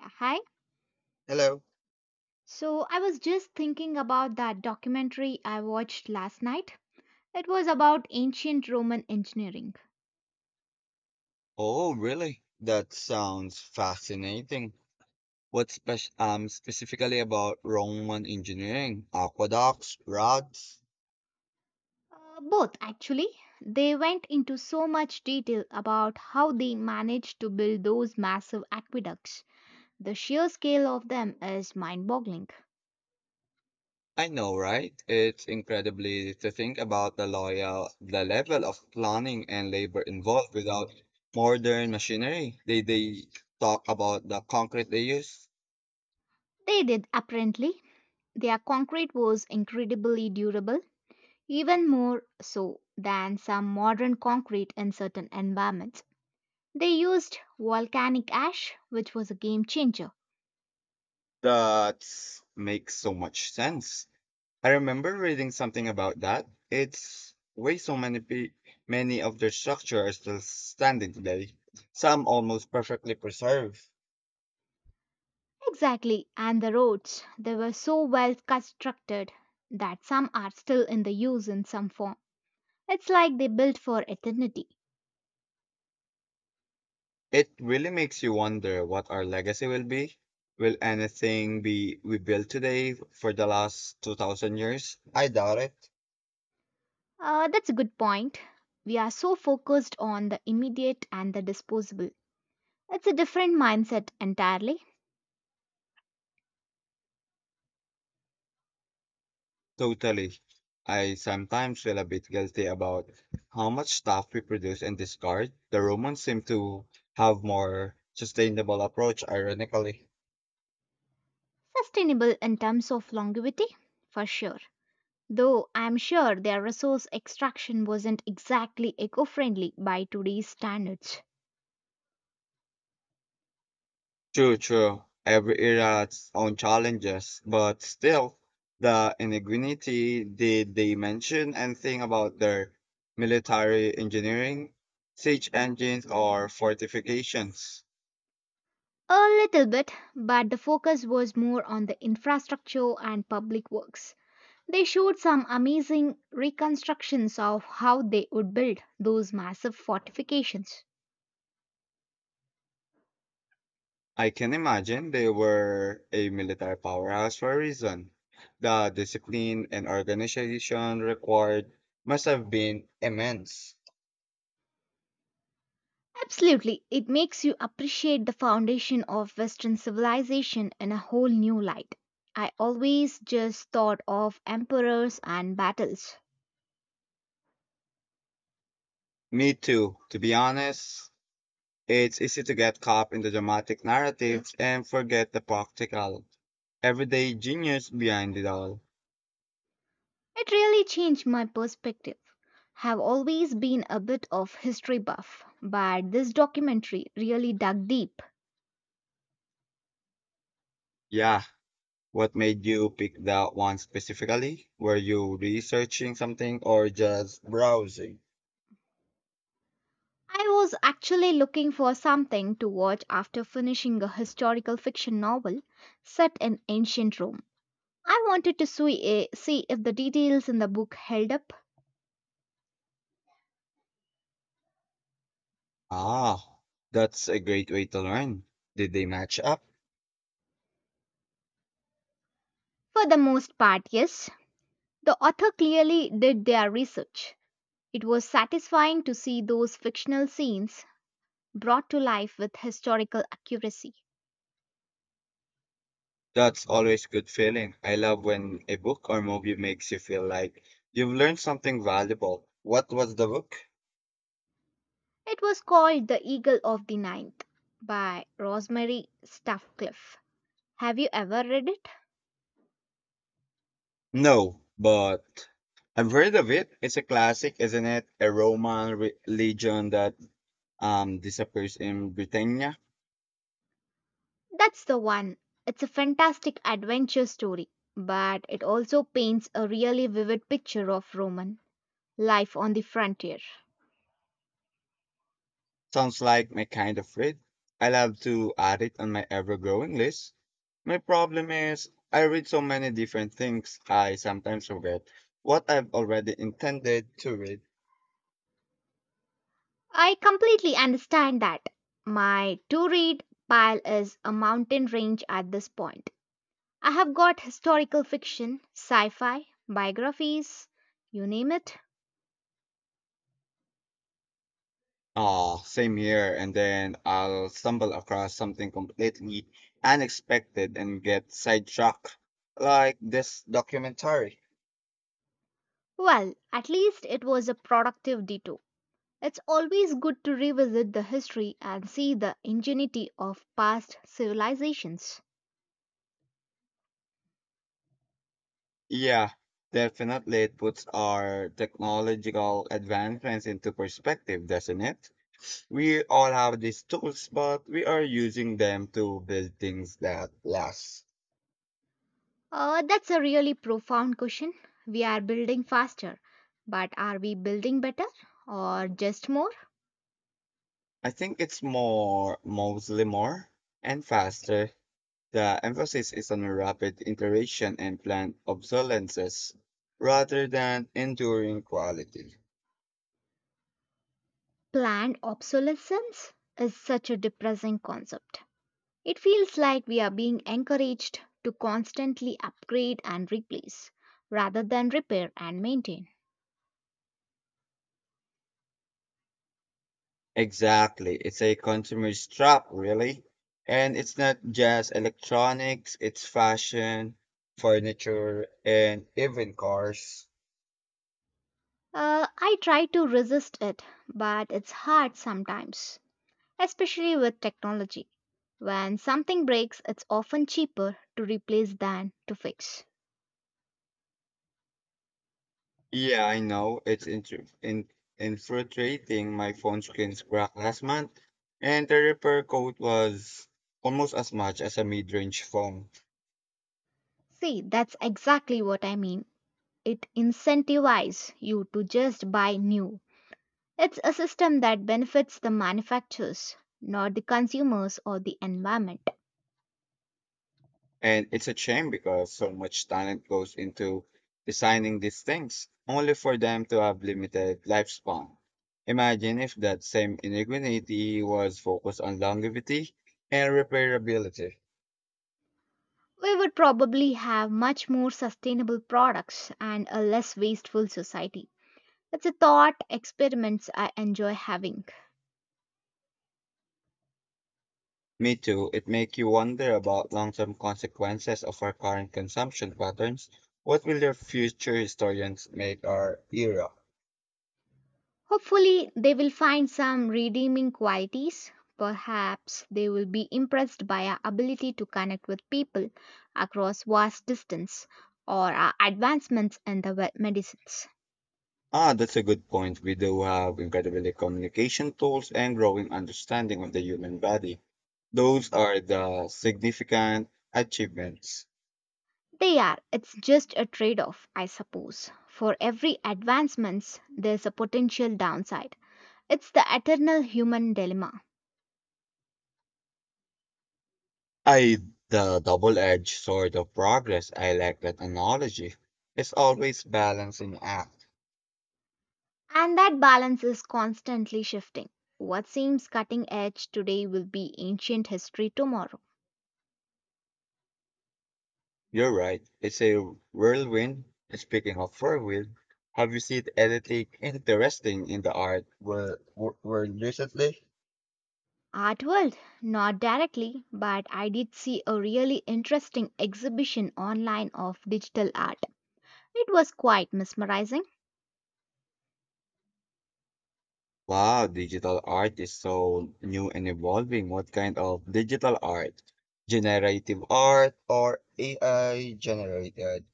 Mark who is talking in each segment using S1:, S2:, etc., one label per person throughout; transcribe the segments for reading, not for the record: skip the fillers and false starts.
S1: Yeah, hi.
S2: Hello.
S1: So I was just thinking about that documentary I watched last night. It was about ancient Roman engineering.
S2: Oh, really? That sounds fascinating. What specifically about Roman engineering? Aqueducts, roads?
S1: Both, actually. They went into so much detail about how they managed to build those massive aqueducts. The sheer scale of them is mind boggling.
S2: I know, right? It's incredibly to think about the level of planning and labor involved without modern machinery. They talk about the concrete they use.
S1: They did, apparently. Their concrete was incredibly durable, even more so than some modern concrete in certain environments. They used volcanic ash, which was a game changer.
S2: That makes so much sense. I remember reading something about that. It's way many of their structure are still standing today. Some almost perfectly preserved.
S1: Exactly, and the roads, they were so well constructed that some are still in the use in some form. It's like they built for eternity.
S2: It really makes you wonder what our legacy will be. Will anything be we built today for the last 2,000 years? I doubt it.
S1: That's a good point. We are so focused on the immediate and the disposable. It's a different mindset entirely.
S2: Totally. I sometimes feel a bit guilty about how much stuff we produce and discard. The Romans seem to have more sustainable approach, ironically.
S1: Sustainable in terms of longevity, for sure. Though I'm sure their resource extraction wasn't exactly eco friendly by today's standards.
S2: True, true. Every era has its own challenges, but still, the ingenuity did they mention anything about their military engineering, siege engines, or fortifications?
S1: A little bit, but the focus was more on the infrastructure and public works. They showed some amazing reconstructions of how they would build those massive fortifications.
S2: I can imagine they were a military powerhouse for a reason. The discipline and organization required must have been immense.
S1: Absolutely, it makes you appreciate the foundation of Western civilization in a whole new light. I always just thought of emperors and battles.
S2: Me too, to be honest. It's easy to get caught in the dramatic narratives and forget the practical, everyday genius behind it all.
S1: It really changed my perspective have always been a bit of history buff, but this documentary really dug deep.
S2: Yeah, what made you pick that one specifically? Were you researching something or just browsing?
S1: I was actually looking for something to watch after finishing a historical fiction novel set in ancient Rome. I wanted to see, see if the details in the book held up.
S2: Ah, that's a great way to learn. Did they match up?
S1: For the most part, yes. The author clearly did their research. It was satisfying to see those fictional scenes brought to life with historical accuracy.
S2: That's always good feeling. I love when a book or movie makes you feel like you've learned something valuable. What was the book?
S1: It was called The Eagle of the Ninth by Rosemary Stuffcliffe. Have you ever read it?
S2: No, but I've heard of it. It's a classic, isn't it? Legion that disappears in Britannia.
S1: That's the one. It's a fantastic adventure story, but it also paints a really vivid picture of Roman life on the frontier.
S2: Sounds like my kind of read. I'll have to add it on my ever-growing list. My problem is I read so many different things. I sometimes forget what I've already intended to read.
S1: I completely understand that. My to read pile is a mountain range at this point. I have got historical fiction, sci fi, biographies, you name it.
S2: Ah, same here. And then I'll stumble across something completely unexpected and get sidetracked, like this documentary.
S1: Well, at least it was a productive detour. It's always good to revisit the history and see the ingenuity of past civilizations.
S2: Yeah, definitely. It puts our technological advancements into perspective, doesn't it? We all have these tools, but we are using them to build things that last.
S1: That's a really profound question. We are building faster, but are we building better or just more?
S2: I think it's more, mostly more, and faster. The emphasis is on rapid iteration and planned obsolescences rather than enduring quality.
S1: Planned obsolescence is such a depressing concept. It feels like we are being encouraged to constantly upgrade and replace rather than repair and maintain.
S2: Exactly. It's a consumer's trap, really. And it's not just electronics, it's fashion, furniture, and even cars.
S1: I try to resist it, but it's hard sometimes, especially with technology. When something breaks, it's often cheaper to replace than to fix.
S2: Yeah, I know. It's intru in infiltrating my phone screen's crack last month, and the repair code was almost as much as a mid-range phone.
S1: See, that's exactly what I mean. It incentivizes you to just buy new. It's a system that benefits the manufacturers, not the consumers or the environment.
S2: And it's a shame because so much talent goes into designing these things, only for them to have limited lifespan. Imagine if that same ingenuity was focused on longevity and repairability.
S1: We would probably have much more sustainable products and a less wasteful society. It's a thought experiments I enjoy having.
S2: Me too, it makes you wonder about long-term consequences of our current consumption patterns. What will the future historians make our era?
S1: Hopefully, they will find some redeeming qualities. Perhaps they will be impressed by our ability to connect with people across vast distance or our advancements in the medicines.
S2: Ah, that's a good point. We do have incredible communication tools and growing understanding of the human body. Those are the significant achievements.
S1: They are. It's just a trade off, I suppose. For every advancements, there's a potential downside. It's the eternal human dilemma.
S2: I the double-edged sword of progress. I like that analogy. It's always balancing act.
S1: And that balance is constantly shifting. What seems cutting edge today will be ancient history tomorrow.
S2: You're right. It's a whirlwind. And speaking of whirlwind, have you seen anything interesting in the art world recently?
S1: Art world? Not directly, but I did see a really interesting exhibition online of digital art. It was quite mesmerizing.
S2: Wow, digital art is so new and evolving. What kind of digital art? Generative art or AI generated?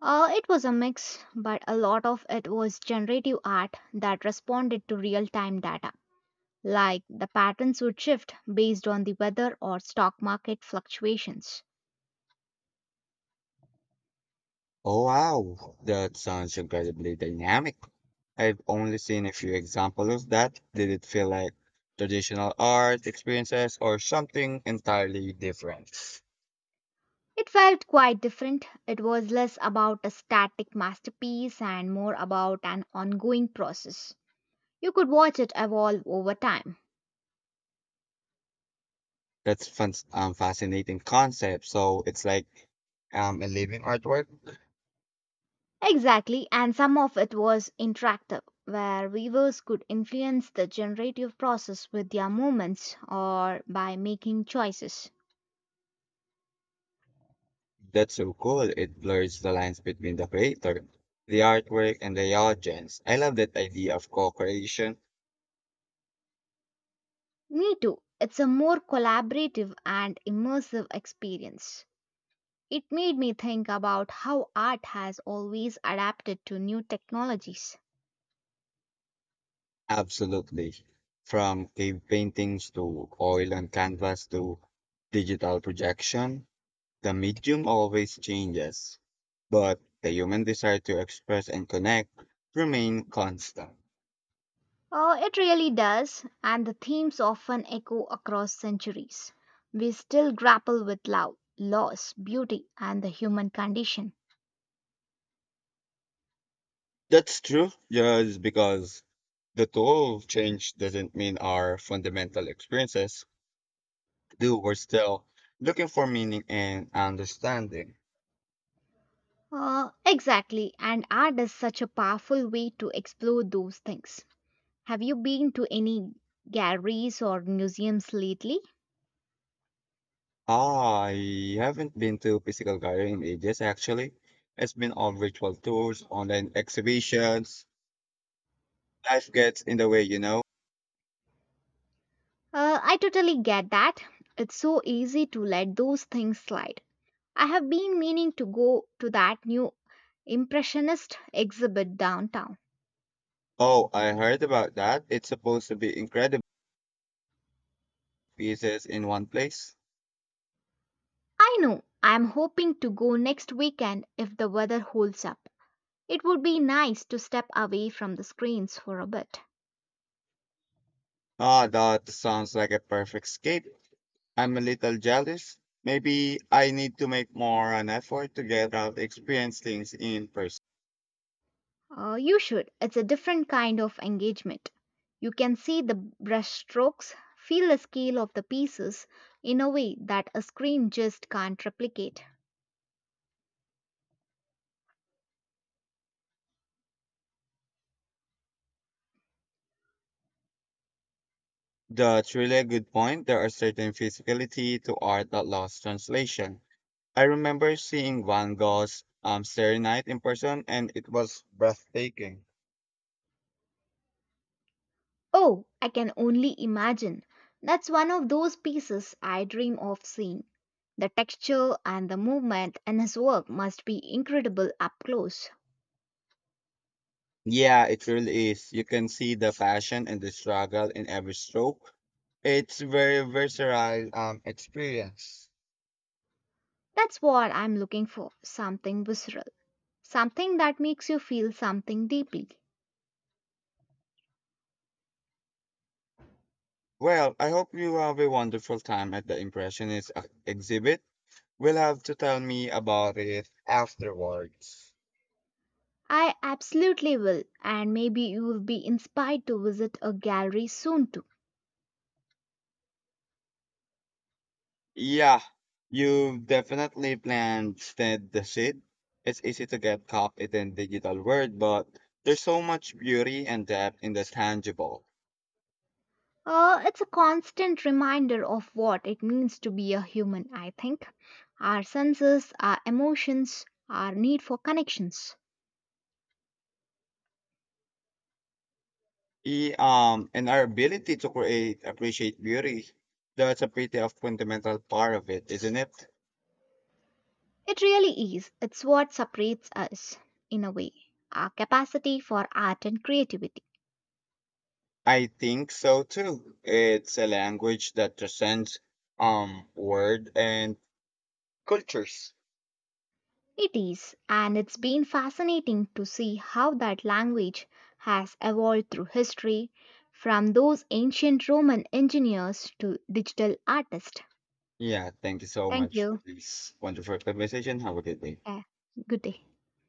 S1: It was a mix, but a lot of it was generative art that responded to real time data. Like the patterns would shift based on the weather or stock market fluctuations.
S2: Oh wow, that sounds incredibly dynamic. I've only seen a few examples of that. Did it feel like traditional art experiences or something entirely different?
S1: It felt quite different. It was less about a static masterpiece and more about an ongoing process. You could watch it evolve over time.
S2: That's fun, fascinating concept. So it's like a living artwork.
S1: Exactly, and some of it was interactive, where weavers could influence the generative process with their movements or by making choices.
S2: That's so cool. It blurs the lines between the creator, the artwork, and the audience. I love that idea of co-creation.
S1: Me too, it's a more collaborative and immersive experience. It made me think about how art has always adapted to new technologies.
S2: Absolutely. From cave paintings to oil and canvas to digital projection, the medium always changes, but the human desire to express and connect remain constant.
S1: Oh, it really does, and the themes often echo across centuries. We still grapple with love, loss, beauty, and the human condition.
S2: That's true. Just because the tool of change doesn't mean our fundamental experiences do. We're still looking for meaning and understanding.
S1: Exactly, and art is such a powerful way to explore those things. Have you been to any galleries or museums lately?
S2: Ah, I haven't been to physical gallery in ages, actually. It's been all virtual tours, online exhibitions. Life gets in the way, you know.
S1: I totally get that. It's so easy to let those things slide. I have been meaning to go to that new Impressionist exhibit downtown.
S2: Oh, I heard about that. It's supposed to be incredible pieces in one place.
S1: I know, I am hoping to go next weekend if the weather holds up. It would be nice to step away from the screens for a bit.
S2: Ah, that sounds like a perfect escape. I'm a little jealous. Maybe I need to make more an effort to get out, experience things in person.
S1: You should. It's a different kind of engagement. You can see the brushstrokes, feel the scale of the pieces in a way that a screen just can't replicate.
S2: That's really a good point. There are certain physicality to art that lost translation. I remember seeing Van Gogh's Starry Night in person, and it was breathtaking.
S1: Oh, I can only imagine. That's one of those pieces I dream of seeing. The texture and the movement in his work must be incredible up close.
S2: Yeah, it really is. You can see the passion and the struggle in every stroke. It's very visceral experience.
S1: That's what I'm looking for something visceral, something that makes you feel something deeply.
S2: Well, I hope you have a wonderful time at the Impressionist exhibit. We'll have to tell me about it afterwards.
S1: I absolutely will, and maybe you'll be inspired to visit a gallery soon too.
S2: Yeah, you've definitely planted the seed. It's easy to get caught in the digital world, but there's so much beauty and depth in the tangible.
S1: It's a constant reminder of what it means to be a human, I think. Our senses, our emotions, our need for connections.
S2: And our ability to create, appreciate beauty, that's a pretty of fundamental part of it, isn't it?
S1: It really is. It's what separates us, in a way, our capacity for art and creativity.
S2: I think so too. It's a language that transcends word and cultures.
S1: It is, and it's been fascinating to see how that language has evolved through history, from those ancient Roman engineers to digital artists.
S2: Yeah, thank you so
S1: Thank
S2: much
S1: you.
S2: for this wonderful conversation. Have a good day.
S1: Yeah. Good day.